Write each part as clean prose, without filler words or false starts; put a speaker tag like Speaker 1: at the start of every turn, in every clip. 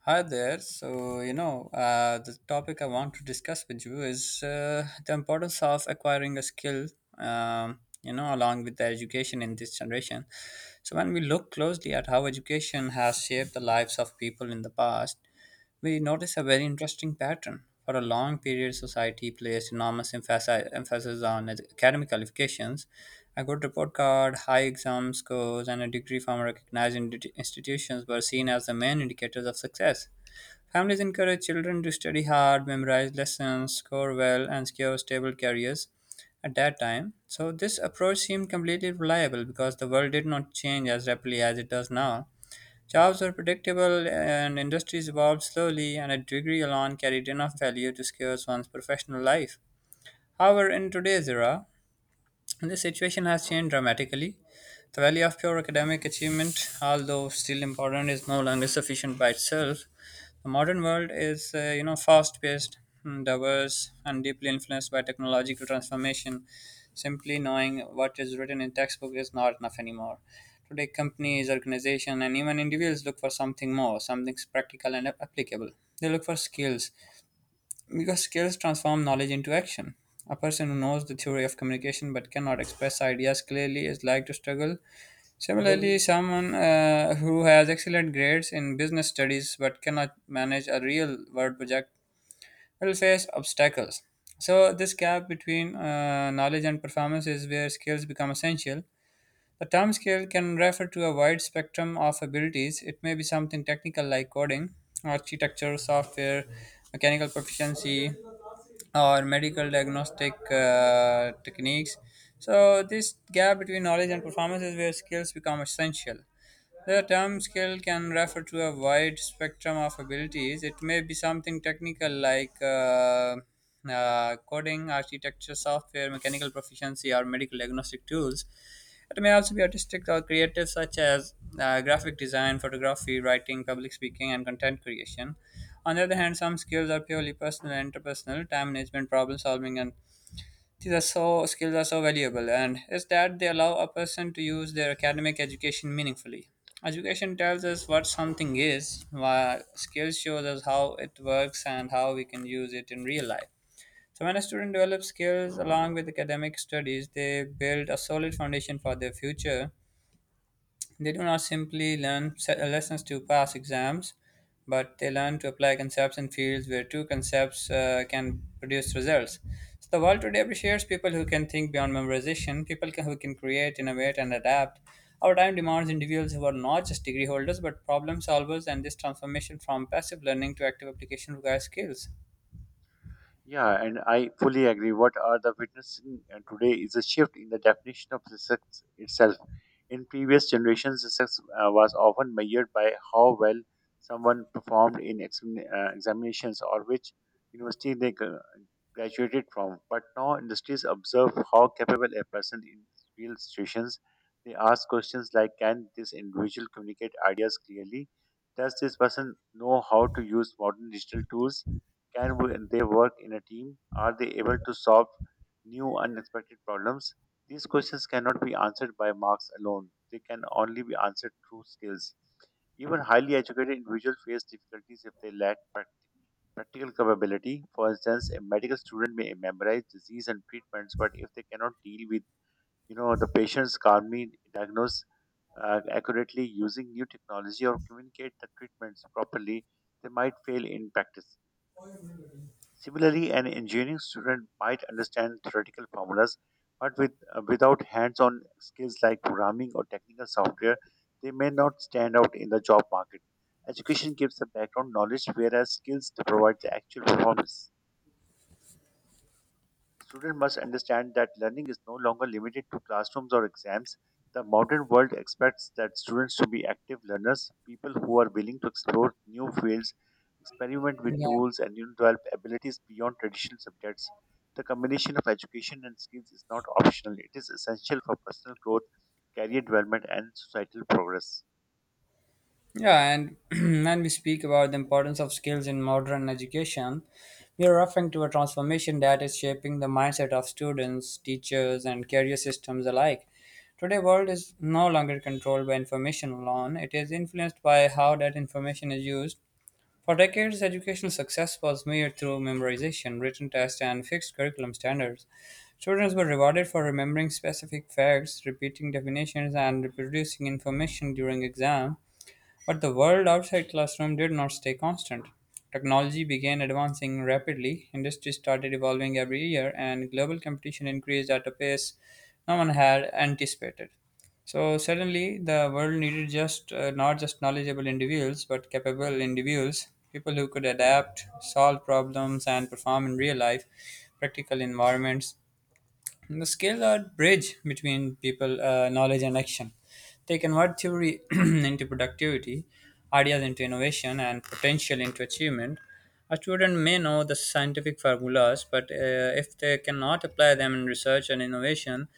Speaker 1: Hi there. So, the topic I want to discuss with you is the importance of acquiring a skill, along with the education in this generation. So, when we look closely at how education has shaped the lives of people in the past, we notice a very interesting pattern. For a long period, society placed enormous emphasis on academic qualifications. A good report card, high exam scores, and a degree from recognized institutions were seen as the main indicators of success. Families encourage children to study hard, memorize lessons, score well, and secure stable careers at that time. So, this approach seemed completely reliable because the world did not change as rapidly as it does now. Jobs were predictable and industries evolved slowly, and a degree alone carried enough value to secure one's professional life. However, in today's era, this situation has changed dramatically. The value of pure academic achievement, although still important, is no longer sufficient by itself. The modern world is, fast-paced, diverse, and deeply influenced by technological transformation. Simply knowing what is written in textbook is not enough anymore. Today, companies, organizations, and even individuals look for something more, something practical and applicable. They look for skills because skills transform knowledge into action. A person who knows the theory of communication but cannot express ideas clearly is like to struggle. Similarly, someone who has excellent grades in business studies but cannot manage a real world project will face obstacles. So, this gap between knowledge and performance is where skills become essential. The term skill can refer to a wide spectrum of abilities. It may be something technical like coding, architecture, software, mechanical proficiency, or medical diagnostic techniques. So, this gap between knowledge and performance is where skills become essential. The term skill can refer to a wide spectrum of abilities. It may be something technical like coding, architecture, software, mechanical proficiency, or medical diagnostic tools. It may also be artistic or creative, such as graphic design, photography, writing, public speaking, and content creation. On the other hand, some skills are purely personal and interpersonal, time management, problem solving, and these are so skills are so valuable. And is that they allow a person to use their academic education meaningfully. Education tells us what something is, while skills shows us how it works and how we can use it in real life. So when a student develops skills along with academic studies, they build a solid foundation for their future. They do not simply learn lessons to pass exams, but they learn to apply concepts in fields where two concepts can produce results. So the world today appreciates people who can think beyond memorization, who can create, innovate, and adapt. Our time demands individuals who are not just degree holders but problem solvers, and this transformation from passive learning to active application requires skills.
Speaker 2: Yeah, and I fully agree. What are the witnessing today is a shift in the definition of success itself. In previous generations, success was often measured by how well someone performed in examinations or which university they graduated from. But now industries observe how capable a person in real situations. They ask questions like, "Can this individual communicate ideas clearly? Does this person know how to use modern digital tools?" Can they work in a team? Are they able to solve new unexpected problems? These questions cannot be answered by marks alone. They can only be answered through skills. Even highly educated individuals face difficulties if they lack practical capability. For instance, a medical student may memorize disease and treatments, but if they cannot deal with the patient's, calmly diagnose accurately using new technology, or communicate the treatments properly, they might fail in practice. Similarly, an engineering student might understand theoretical formulas, but without hands on skills like programming or technical software, they may not stand out in the job market. Education gives the background knowledge, whereas skills provides the actual performance. Students must understand that learning is no longer limited to classrooms or exams. The modern world expects that students to be active learners, people who are willing to explore new fields, experiment with
Speaker 1: Yeah.
Speaker 2: tools, and develop abilities beyond traditional subjects. The combination of education and skills is not optional, it is essential for personal growth, career development, and societal progress.
Speaker 1: Yeah, and when we speak about the importance of skills in modern education, we are referring to a transformation that is shaping the mindset of students, teachers, and career systems alike. Today, world is no longer controlled by information alone. It is influenced by how that information is used. For decades, educational success was measured through memorization, written tests, and fixed curriculum standards. Students were rewarded for remembering specific facts, repeating definitions, and reproducing information during exam. But the world outside classroom did not stay constant. Technology began advancing rapidly, industries started evolving every year, and global competition increased at a pace no one had anticipated. So suddenly, the world needed just not just knowledgeable individuals, but capable individuals, people who could adapt, solve problems, and perform in real life, practical environments. The skill are bridge between knowledge and action. They convert theory into productivity, ideas into innovation, and potential into achievement. A student may know the scientific formulas, but if they cannot apply them in research and innovation,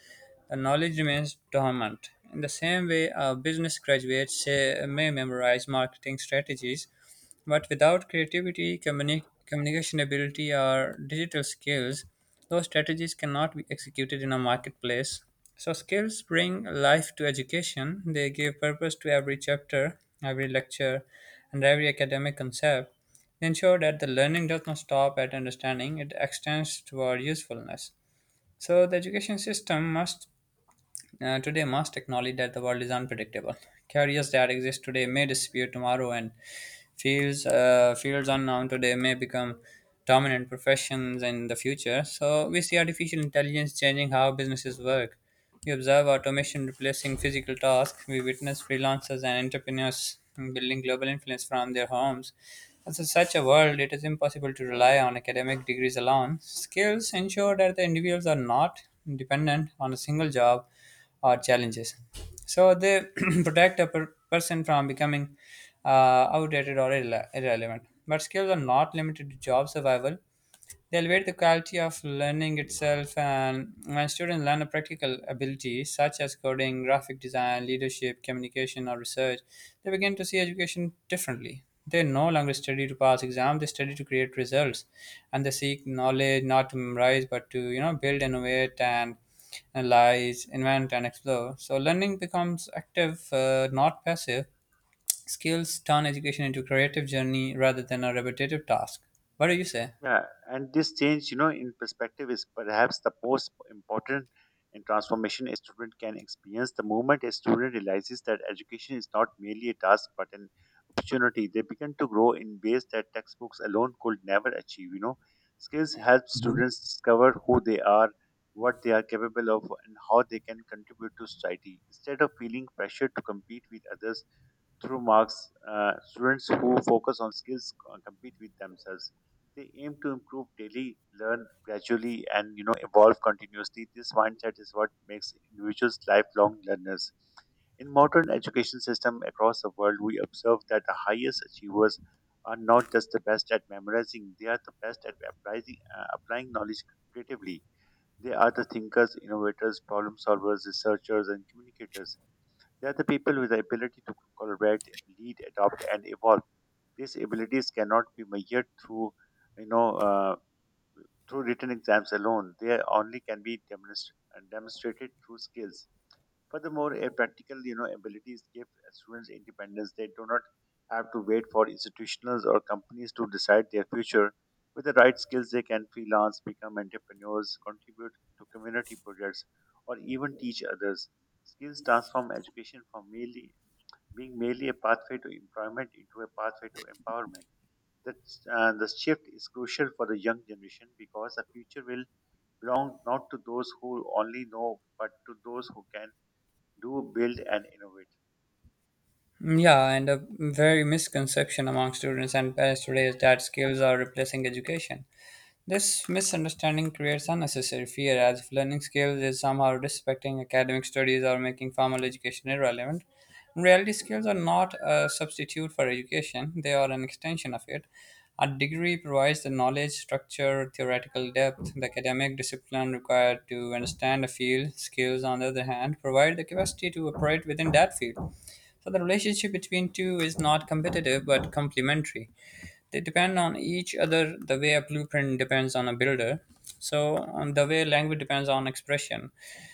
Speaker 1: the knowledge remains dormant. In the same way, a business graduate say, may memorize marketing strategies, but without creativity, communication ability, or digital skills, those strategies cannot be executed in a marketplace. So, skills bring life to education, they give purpose to every chapter, every lecture, and every academic concept. They ensure that the learning does not stop at understanding, it extends toward usefulness. So, the education system must today must acknowledge that the world is unpredictable. Careers that exist today may disappear tomorrow, and fields unknown today may become dominant professions in the future. So we see artificial intelligence changing how businesses work. We observe automation replacing physical tasks. We witness freelancers and entrepreneurs building global influence from their homes. As in such a world, it is impossible to rely on academic degrees alone. Skills ensure that the individuals are not dependent on a single job or challenges. So they protect a person from becoming outdated or irrelevant. But skills are not limited to job survival. They elevate the quality of learning itself, and when students learn a practical abilities such as coding, graphic design, leadership, communication, or research, they begin to see education differently. They no longer study to pass exams; they study to create results, and they seek knowledge not to memorize but to build, innovate, and analyze, invent, and explore. So learning becomes active, not passive. Skills turn education into a creative journey rather than a repetitive task. What do you say?
Speaker 2: Yeah, and this change, in perspective is perhaps the most important and transformation a student can experience. The moment a student realizes that education is not merely a task but an opportunity, they begin to grow in ways that textbooks alone could never achieve. Skills help students discover who they are, what they are capable of, and how they can contribute to society. Instead of feeling pressure to compete with others through marks, students who focus on skills compete with themselves. They aim to improve daily, learn gradually, and evolve continuously. This mindset is what makes individuals lifelong learners. In modern education system across the world, we observe that the highest achievers are not just the best at memorizing; they are the best at applying knowledge creatively. They are the thinkers, innovators, problem solvers, researchers, and communicators. They are the people with the ability to collaborate, lead, adopt, and evolve. These abilities cannot be measured you know, uh, through written exams alone. They only can be demonstrated through skills. Furthermore, a practical, abilities give students independence. They do not have to wait for institutions or companies to decide their future. With the right skills, they can freelance, become entrepreneurs, contribute to community projects, or even teach others. Skills transform education from merely being merely a pathway to employment into a pathway to empowerment. The shift is crucial for the young generation, because the future will belong not to those who only know, but to those who can do, build, and innovate.
Speaker 1: Yeah, and a very misconception among students and parents today is that skills are replacing education. This misunderstanding creates unnecessary fear as if learning skills is somehow disrespecting academic studies or making formal education irrelevant. In reality, skills are not a substitute for education, they are an extension of it. A degree provides the knowledge, structure, theoretical depth, the academic discipline required to understand a field. Skills, on the other hand, provide the capacity to operate within that field. So the relationship between two is not competitive but complementary. They depend on each other the way a blueprint depends on a builder. So on the way language depends on expression.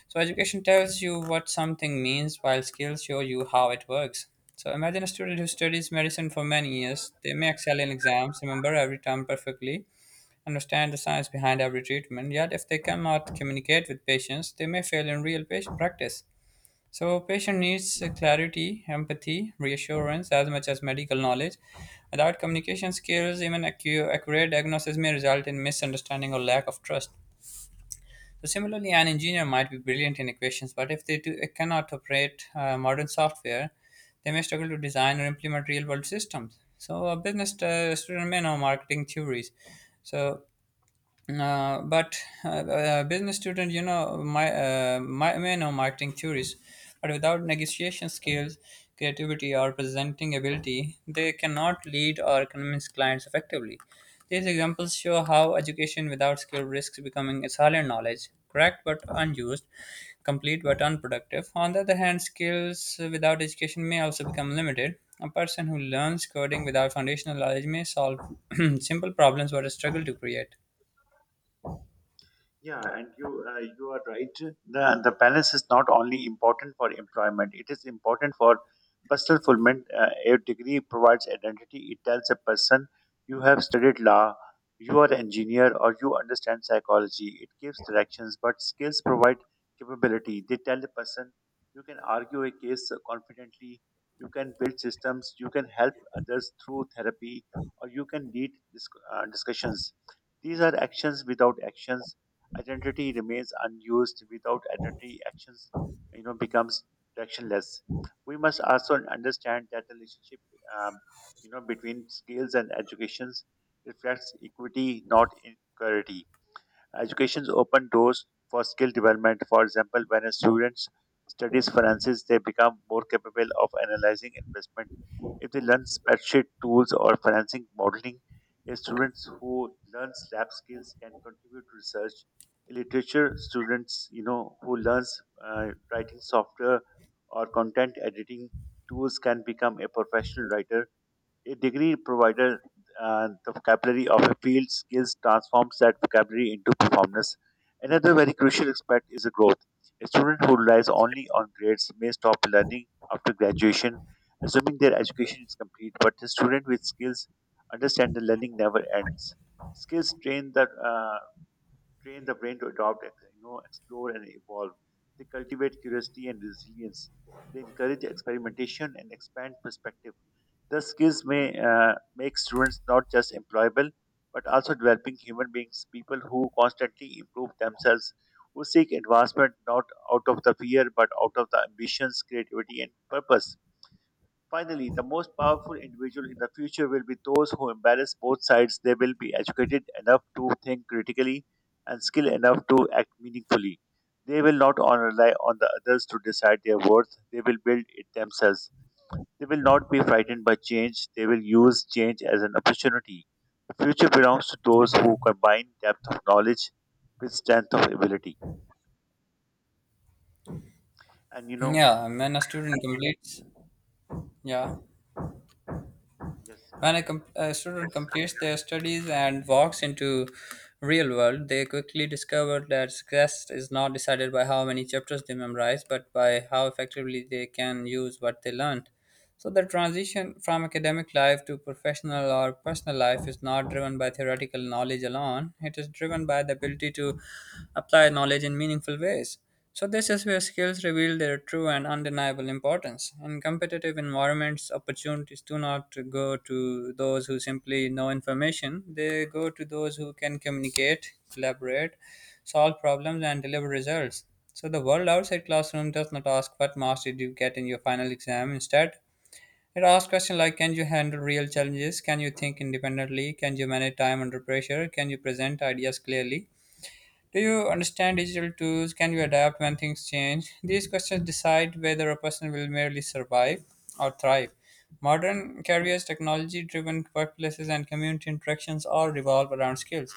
Speaker 1: So education tells you what something means while skills show you how it works. So imagine a student who studies medicine for many years. They may excel in exams, remember every term perfectly, understand the science behind every treatment, yet if they cannot communicate with patients, they may fail in real patient practice. So, patient needs clarity, empathy, reassurance, as much as medical knowledge. Without communication skills, even accurate diagnosis may result in misunderstanding or lack of trust. So, similarly, an engineer might be brilliant in equations, but if they do, cannot operate modern software, they may struggle to design or implement real world systems. So, a business student may know marketing theories. So, but business student, my may know marketing theories, but without negotiation skills, creativity, or presenting ability, they cannot lead or convince clients effectively. These examples show how education without skill risks becoming a silent knowledge, correct but unused, complete but unproductive. On the other hand, skills without education may also become limited. A person who learns coding without foundational knowledge may solve simple problems but struggle to create.
Speaker 2: Yeah, and you are right. The balance is not only important for employment; it is important for personal fulfillment. A degree provides identity. It tells a person you have studied law, you are an engineer, or you understand psychology. It gives directions, but skills provide capability. They tell a person you can argue a case confidently, you can build systems, you can help others through therapy, or you can lead discussions. These are actions. Without actions, identity remains unused. Without identity, actions becomes directionless. We must also understand that the relationship um, between skills and educations reflects equity, not inequality. Educations open doors for skill development. For example, when a student studies finances, they become more capable of analyzing investment. If they learn spreadsheet tools or financing modeling, the students who learn lab skills can contribute to research. Literature students, who learns uh, writing software or content editing tools, can become a professional writer. A degree provided the vocabulary of a field. Skills transforms that vocabulary into performance. Another very crucial aspect is the growth. A student who relies only on grades may stop learning after graduation, assuming their education is complete. But a student with skills understands that learning never ends. Skills train the brain to adopt, explore, and evolve. They cultivate curiosity and resilience. They encourage experimentation and expand perspective. The skills may make students not just employable, but also developing human beings, people who constantly improve themselves, who seek advancement not out of the fear, but out of the ambitions, creativity, and purpose. Finally, the most powerful individual in the future will be those who embrace both sides. They will be educated enough to think critically and skilled enough to act meaningfully. They will not rely on the others to decide their worth. They will build it themselves. They will not be frightened by change, they will use change as an opportunity. The future belongs to those who combine depth of knowledge with strength of ability. And you know,
Speaker 1: Yeah, and when a student completes, yeah,
Speaker 2: yes, continue.
Speaker 1: a student completes their studies and walks into real world, they quickly discover that success is not decided by how many chapters they memorize, but by how effectively they can use what they learned. So the transition from academic life to professional or personal life is not driven by theoretical knowledge alone. It is driven by the ability to apply knowledge in meaningful ways. So this is where skills reveal their true and undeniable importance. In competitive environments, opportunities do not go to those who simply know information. They go to those who can communicate, collaborate, solve problems, and deliver results. So the world outside classroom does not ask what marks did you get in your final exam. Instead, it asks questions like, can you handle real challenges? Can you think independently? Can you manage time under pressure? Can you present ideas clearly? Do you understand digital tools? Can you adapt when things change? These questions decide whether a person will merely survive or thrive. Modern careers, technology driven workplaces, and community interactions all revolve around skills.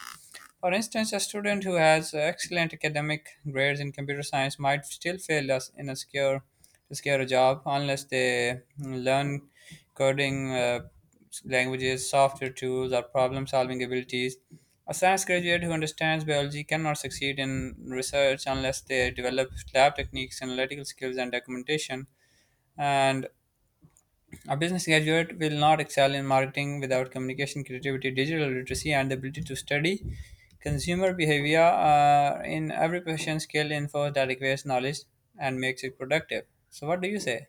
Speaker 1: For instance, a student who has excellent academic grades in computer science might still fail us in a secure to secure a job unless they learn coding languages, software tools, or problem-solving abilities. A science graduate who understands biology cannot succeed in research unless they develop lab techniques, analytical skills, and documentation. And a business graduate will not excel in marketing without communication, creativity, digital literacy, and the ability to study consumer behavior. In every profession, skill infers that requires knowledge and makes it productive. So, what do you say?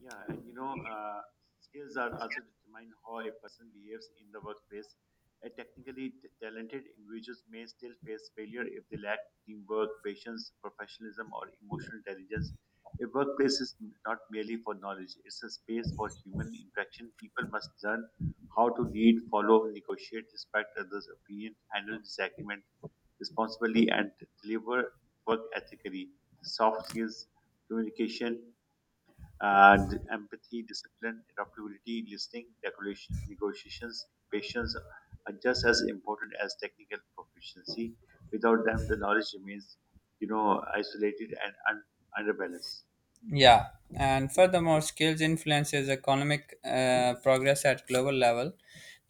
Speaker 2: Yeah, and skills are also determine how a person behaves in the workplace. A technically talented individuals may still face failure if they lack teamwork, patience, professionalism, or emotional intelligence. A workplace is not merely for knowledge; it's a space for human interaction. People must learn how to lead, follow, negotiate, respect others' opinion, handle disagreement responsibly, and deliver work ethically. Soft skills, communication, and empathy, discipline, adaptability, listening, negotiations, patience are just as important as technical proficiency. Without them, the knowledge remains, isolated and underbalanced.
Speaker 1: Yeah, and furthermore, skills influences economic progress at global level.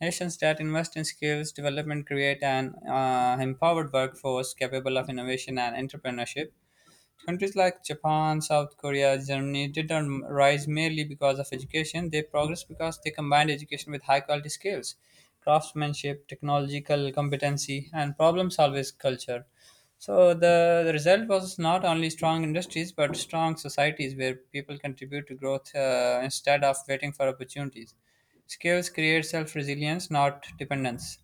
Speaker 1: Nations that invest in skills development create an empowered workforce capable of innovation and entrepreneurship. Countries like Japan, South Korea, Germany didn't rise merely because of education. They progressed because they combined education with high quality skills, craftsmanship, technological competency, and problem solving culture. So the result was not only strong industries but strong societies where people contribute to growth instead of waiting for opportunities. Skills create self resilience, not dependence.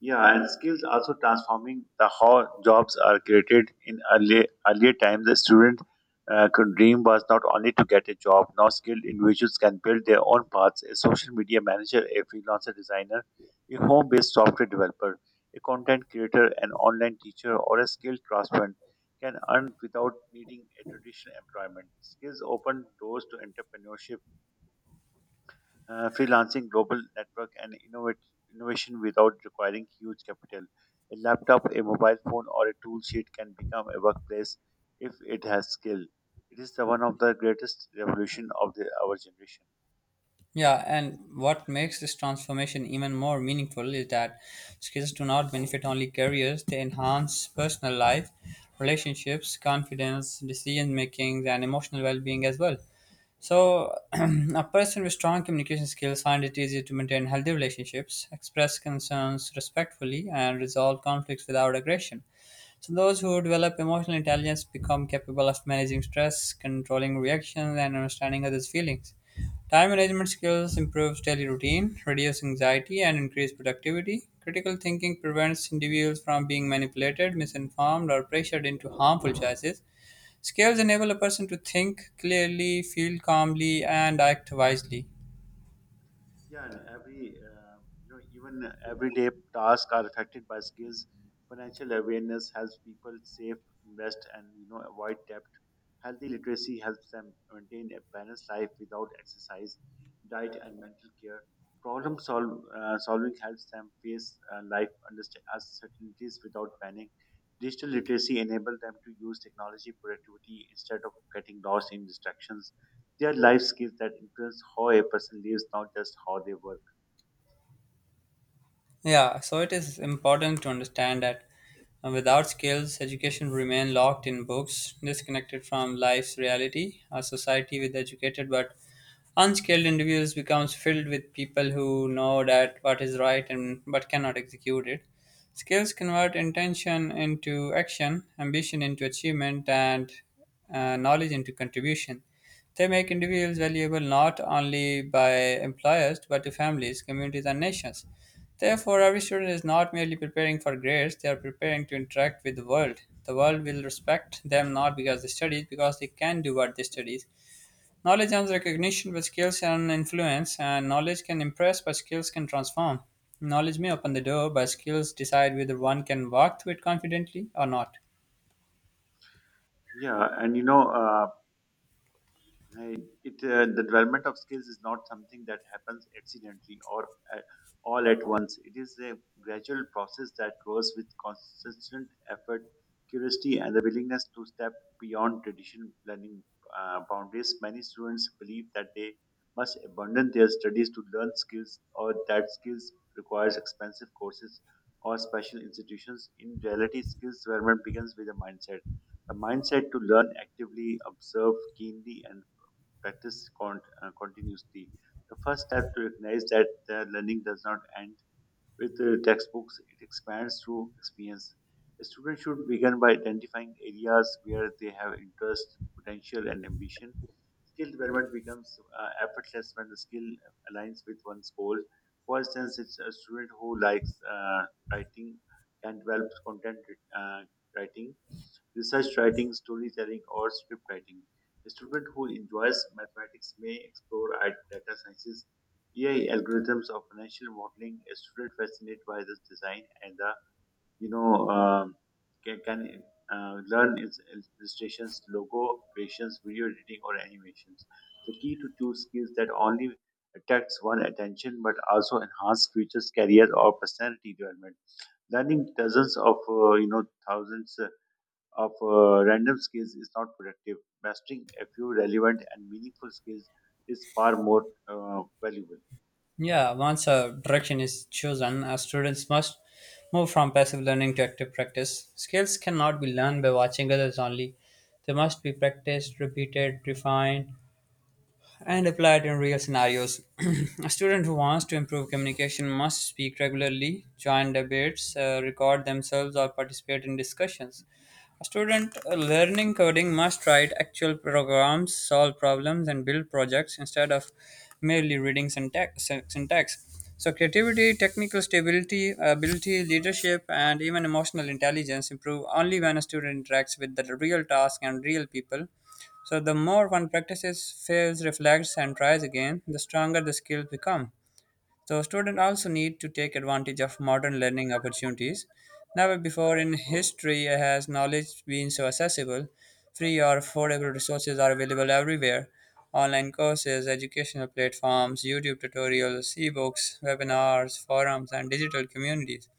Speaker 2: Yeah, and skills also transforming the how jobs are created in early earlier times. The student could dream was not only to get a job. Now skilled individuals can build their own paths. A social media manager, a freelancer designer, a home-based software developer, a content creator, an online teacher, or a skilled craftsman can earn without needing a traditional employment. Skills open doors to entrepreneurship, freelancing, global network, and innovation without requiring huge capital. A laptop, a mobile phone, or a tool sheet can become a workplace if it has skill. It is the one of the greatest revolution of our generation.
Speaker 1: Yeah, and what makes this transformation even more meaningful is that skills do not benefit only careers, they enhance personal life, relationships, confidence, decision making, and emotional well being as well. So, a person with strong communication skills finds it easier to maintain healthy relationships, express concerns respectfully, and resolve conflicts without aggression. So those who develop emotional intelligence become capable of managing stress, controlling reactions, and understanding others' feelings. Time management skills improves daily routine, reduce anxiety, and increase productivity. Critical thinking prevents individuals from being manipulated, misinformed, or pressured into harmful choices. Skills enable a person to think clearly, feel calmly, and act wisely.
Speaker 2: Yeah, and every even everyday tasks are affected by skills. Financial awareness helps people save, invest, and avoid debt. Healthy literacy helps them maintain a balanced life without exercise, diet, and mental care. Problem solving helps them face life uncertainties without panic. Digital literacy enables them to use technology productivity instead of getting lost in distractions. They are life skills that influence how a person lives, not just how they work.
Speaker 1: Yeah, so it is important to understand that without skills, education remain locked in books, disconnected from life's reality. A society with educated but unskilled individuals becomes filled with people who know that what is right and but cannot execute it. Skills convert intention into action, ambition into achievement, and knowledge into contribution. They make individuals valuable not only by employers but to families, communities, and nations. Therefore, every student is not merely preparing for grades, they are preparing to interact with the world. The world will respect them not because they studied, because they can do what they studied. Knowledge earns recognition, but skills earn influence, and knowledge can impress, but skills can transform. Knowledge may open the door, but skills decide whether one can walk through it confidently or not.
Speaker 2: Yeah, and you know, I- it the development of skills is not something that happens accidentally or at, all at once. It is a gradual process that grows with consistent effort, curiosity, and the willingness to step beyond traditional learning boundaries. Many students believe that they must abandon their studies to learn skills, or that skills requires expensive courses or special institutions. In reality, skills development begins with a mindset, a mindset to learn actively, observe keenly, and practice continuously. The first step to recognize that the learning does not end with the textbooks, it expands through experience. A student should begin by identifying areas where they have interest, potential, and ambition. Skill development becomes effortless when the skill aligns with one's goal. For instance, it's a student who likes writing can develop content uh, writing, research writing, storytelling, or script writing. A student who enjoys mathematics may explore at data sciences, AI algorithms, or financial modeling. A student fascinated by this design and the you know um, can learn its illustrations, logo creations, video editing, or animations. The key to choose skills that only attracts one attention but also enhance future's career or personality development. Learning dozens of thousands of random skills is not productive. Mastering a few relevant and meaningful skills is far more valuable.
Speaker 1: Yeah, once a direction is chosen, students must move from passive learning to active practice. Skills cannot be learned by watching others only. They must be practiced, repeated, refined, and applied in real scenarios. a student who wants to improve communication must speak regularly, join debates, record themselves, or participate in discussions. A student learning coding must write actual programs, solve problems, and build projects instead of merely reading syntax. So, creativity, technical stability, ability, leadership, and even emotional intelligence improve only when a student interacts with the real task and real people, so the more one practices, fails, reflects, and tries again, the stronger the skills become. So students also need to take advantage of modern learning opportunities. Never before in history has knowledge been so accessible. Free or affordable resources are available everywhere. Online courses, educational platforms, YouTube tutorials, ebooks, webinars, forums, and digital communities.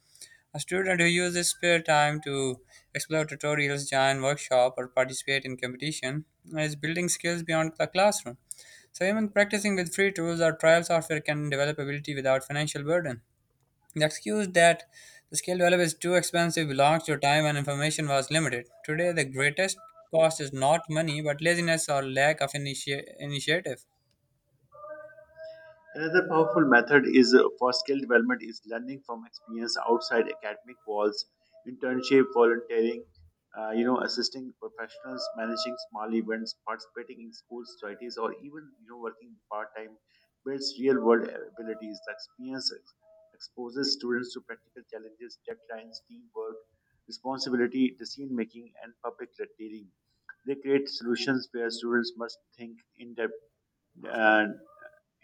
Speaker 1: A student who uses spare time to explore tutorials, join workshop, or participate in competition is building skills beyond the classroom. So even practicing with free tools or trial software can develop ability without financial burden. The excuse that the skill developed is too expensive belongs to a time when information was limited. Today, the greatest cost is not money, but laziness or lack of initiative.
Speaker 2: Another powerful method is for skill development is learning from experience outside academic walls: internship, volunteering, assisting professionals, managing small events, participating in school societies, or even working part time builds real world abilities. The experience exposes students to practical challenges, deadlines, teamwork, responsibility, decision making, and public dealing. They create solutions where students must think in depth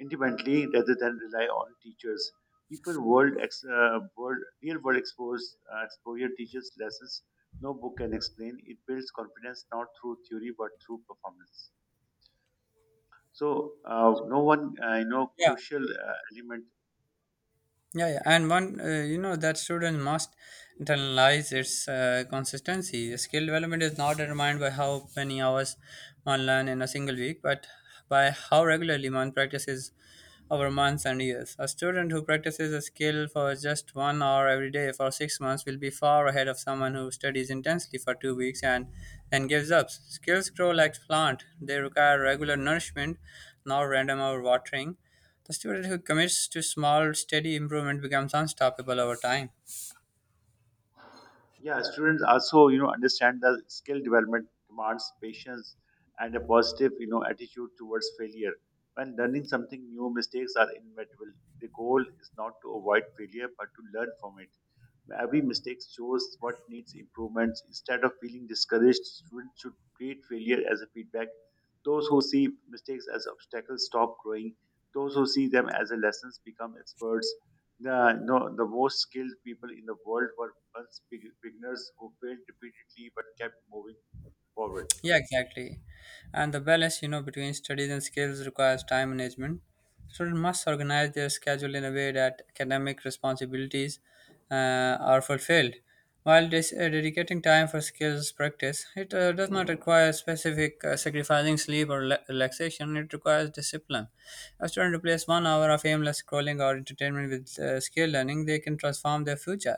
Speaker 2: independently rather than rely on teachers. People world, ex, world real world exposure teaches lessons no book can explain. It builds confidence not through theory but through performance. So no one
Speaker 1: Yeah.
Speaker 2: crucial element.
Speaker 1: Yeah, yeah, and one, you know, that student must internalize its consistency. Skill development is not determined by how many hours one learns in a single week, but by how regularly one practices over months and years. A student who practices a skill for just 1 hour every day for 6 months will be far ahead of someone who studies intensely for 2 weeks and then gives up. Skills grow like plant; they require regular nourishment, not random overwatering. The student who commits to small, steady improvement becomes unstoppable over time.
Speaker 2: Yeah, students also understand that skill development demands patience and a positive attitude towards failure. When learning something new, mistakes are inevitable. The goal is not to avoid failure but to learn from it. Every mistake shows what needs improvements. Instead of feeling discouraged, students should treat failure as a feedback. Those who see mistakes as obstacles stop growing. Those who see them as a lessons become experts. The, no, The most skilled people in the world were once beginners who failed repeatedly but kept moving forward.
Speaker 1: Yeah, exactly. And the balance, you know, between studies and skills requires time management. Students must organize their schedule in a way that academic responsibilities are fulfilled. While this, dedicating time for skills practice, it does not require specific sacrificing sleep or relaxation. It requires discipline. A student replace 1 hour of aimless scrolling or entertainment with skill learning, they can transform their future.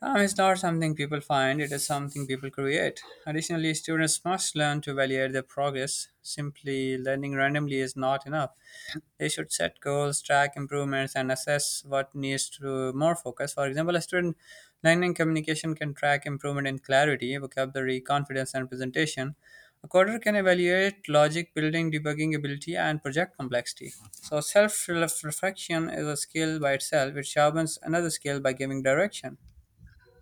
Speaker 1: Time is not something people find, it is something people create. Additionally, students must learn to evaluate their progress. Simply learning randomly is not enough. They should set goals, track improvements, and assess what needs to more focus. For example, a student learning communication can track improvement in clarity, vocabulary, confidence, and presentation. A coder can evaluate logic, building, debugging ability, and project complexity. So, self reflection is a skill by itself, which sharpens another skill by giving direction.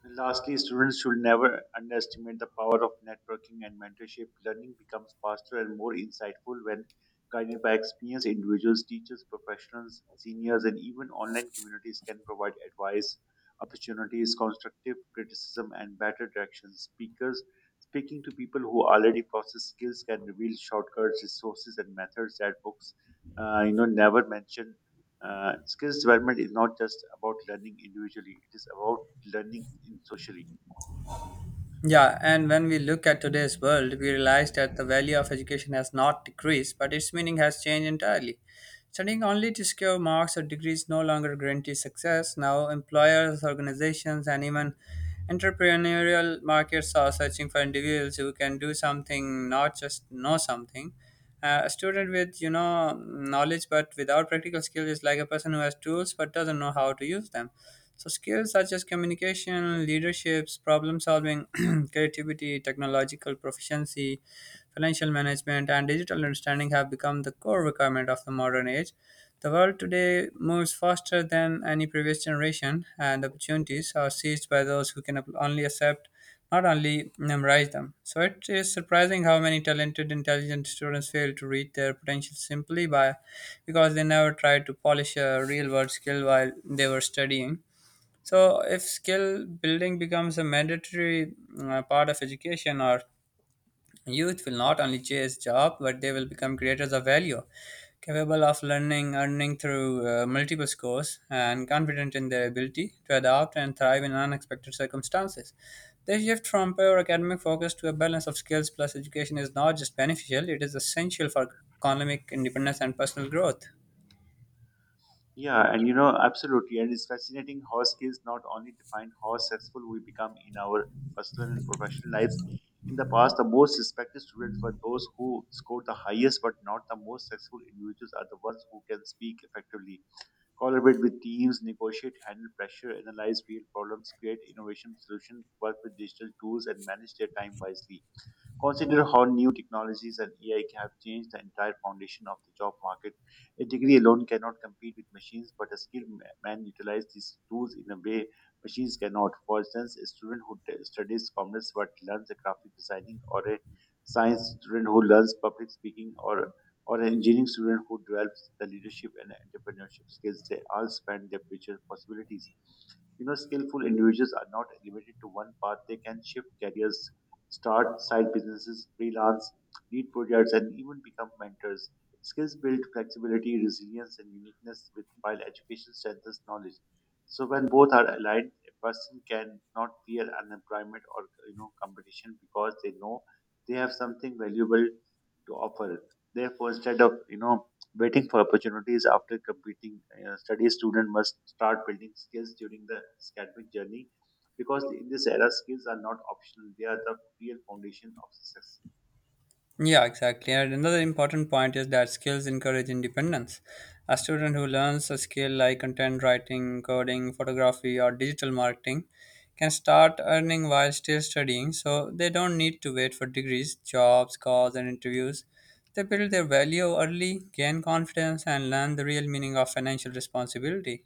Speaker 2: And lastly, students should never underestimate the power of networking and mentorship. Learning becomes faster and more insightful when guided by experienced individuals, teachers, professionals, seniors, and even online communities can provide advice, opportunities, constructive criticism, and better direction. Speakers speaking to people who already possess skills can reveal shortcuts, resources, and methods that books, never mention. Skills development is not just about learning individually; it is about learning in socially.
Speaker 1: Yeah, and when we look at today's world, we realize that the value of education has not decreased, but its meaning has changed entirely. Studying only to secure marks or degrees no longer guarantees success. Now, employers, organizations, and even entrepreneurial markets are searching for individuals who can do something, not just know something. A student with you know knowledge but without practical skill is like a person who has tools but doesn't know how to use them. So, skills such as communication, leaderships, problem solving, creativity, technological proficiency, financial management, and digital understanding have become the core requirement of the modern age. The world today moves faster than any previous generation, and opportunities are seized by those who can only accept, not only memorize them. So, it is surprising how many talented, intelligent students fail to reach their potential simply by because they never tried to polish a real world skill while they were studying. So, if skill building becomes a mandatory part of education, our youth will not only chase job, but they will become creators of value, capable of learning, earning through multiple scores, and confident in their ability to adapt and thrive in unexpected circumstances. The shift from pure academic focus to a balance of skills plus education is not just beneficial; it is essential for economic independence and personal growth.
Speaker 2: Yeah, and absolutely. And it's fascinating how skills not only define how successful we become in our personal and professional lives. In the past, the most respected students were those who scored the highest, but not the most successful individuals are the ones who can speak effectively, collaborate with teams, negotiate, handle pressure, analyze real problems, create innovation solutions, work with digital tools, and manage their time wisely. Consider how new technologies and AI have changed the entire foundation of the job market. A degree alone cannot compete with machines, but a skilled man utilizes these tools in a way machines cannot. For instance, a student who studies commerce but learns a graphic designing, or a science student who learns public speaking, or an engineering student who develops the leadership and entrepreneurship skills, they all expand their future possibilities. You know, skillful individuals are not limited to one path. They can shift careers, start side businesses, freelance, lead projects, and even become mentors. Skills build flexibility, resilience, and uniqueness, while education strengthens knowledge. So when both are aligned, a person can not fear unemployment or competition because they know they have something valuable to offer. Therefore, instead of waiting for opportunities after completing studies, student must start building skills during the academic journey because in this era skills are not optional, they are the real foundation of success.
Speaker 1: Yeah, exactly. And another important point is that skills encourage independence. A student who learns a skill like content writing, coding, photography, or digital marketing can start earning while still studying, so they don't need to wait for degrees, jobs, calls, and interviews. They build their value early, gain confidence, and learn the real meaning of financial responsibility.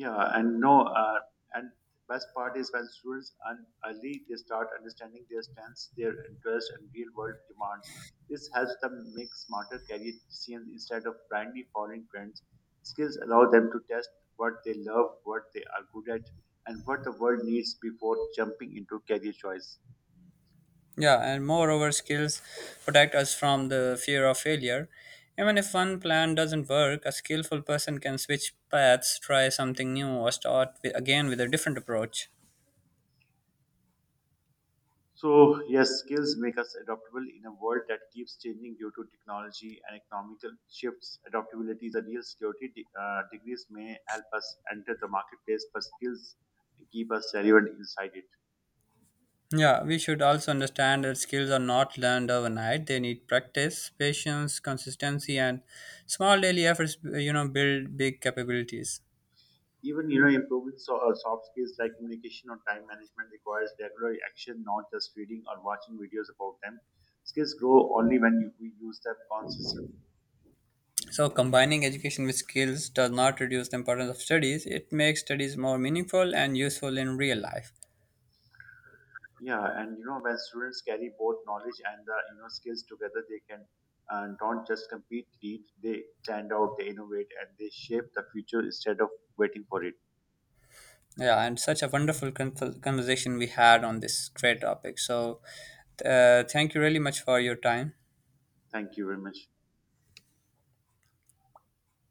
Speaker 2: Yeah, and no, uh, and best part is when students earn early, they start understanding their strengths, their interests, and real world demands. This helps them make smarter career decisions instead of blindly following trends. Skills allow them to test what they love, what they are good at, and what the world needs before jumping into career choice.
Speaker 1: Yeah, and moreover, skills protect us from the fear of failure. Even if one plan doesn't work, a skillful person can switch paths, try something new, or start again with a different approach.
Speaker 2: So, yes, skills make us adaptable in a world that keeps changing due to technology and economical shifts. Adaptability is a real security. Degrees may help us enter the marketplace, but skills keep us relevant inside it.
Speaker 1: Yeah, we should also understand that skills are not learned overnight. They need practice, patience, consistency, and small daily efforts, you know, build big capabilities.
Speaker 2: Even improving soft skills like communication or time management requires regular action, not just reading or watching videos about them. Skills grow only when we use them consistently.
Speaker 1: So, combining education with skills does not reduce the importance of studies. It makes studies more meaningful and useful in real life.
Speaker 2: Yeah, and when students carry both knowledge and the skills together, they can don't just compete, lead. They stand out, they innovate, and they shape the future instead of waiting for it.
Speaker 1: Yeah, and such a wonderful conversation we had on this great topic. So, thank you really much for your time.
Speaker 2: Thank you very much.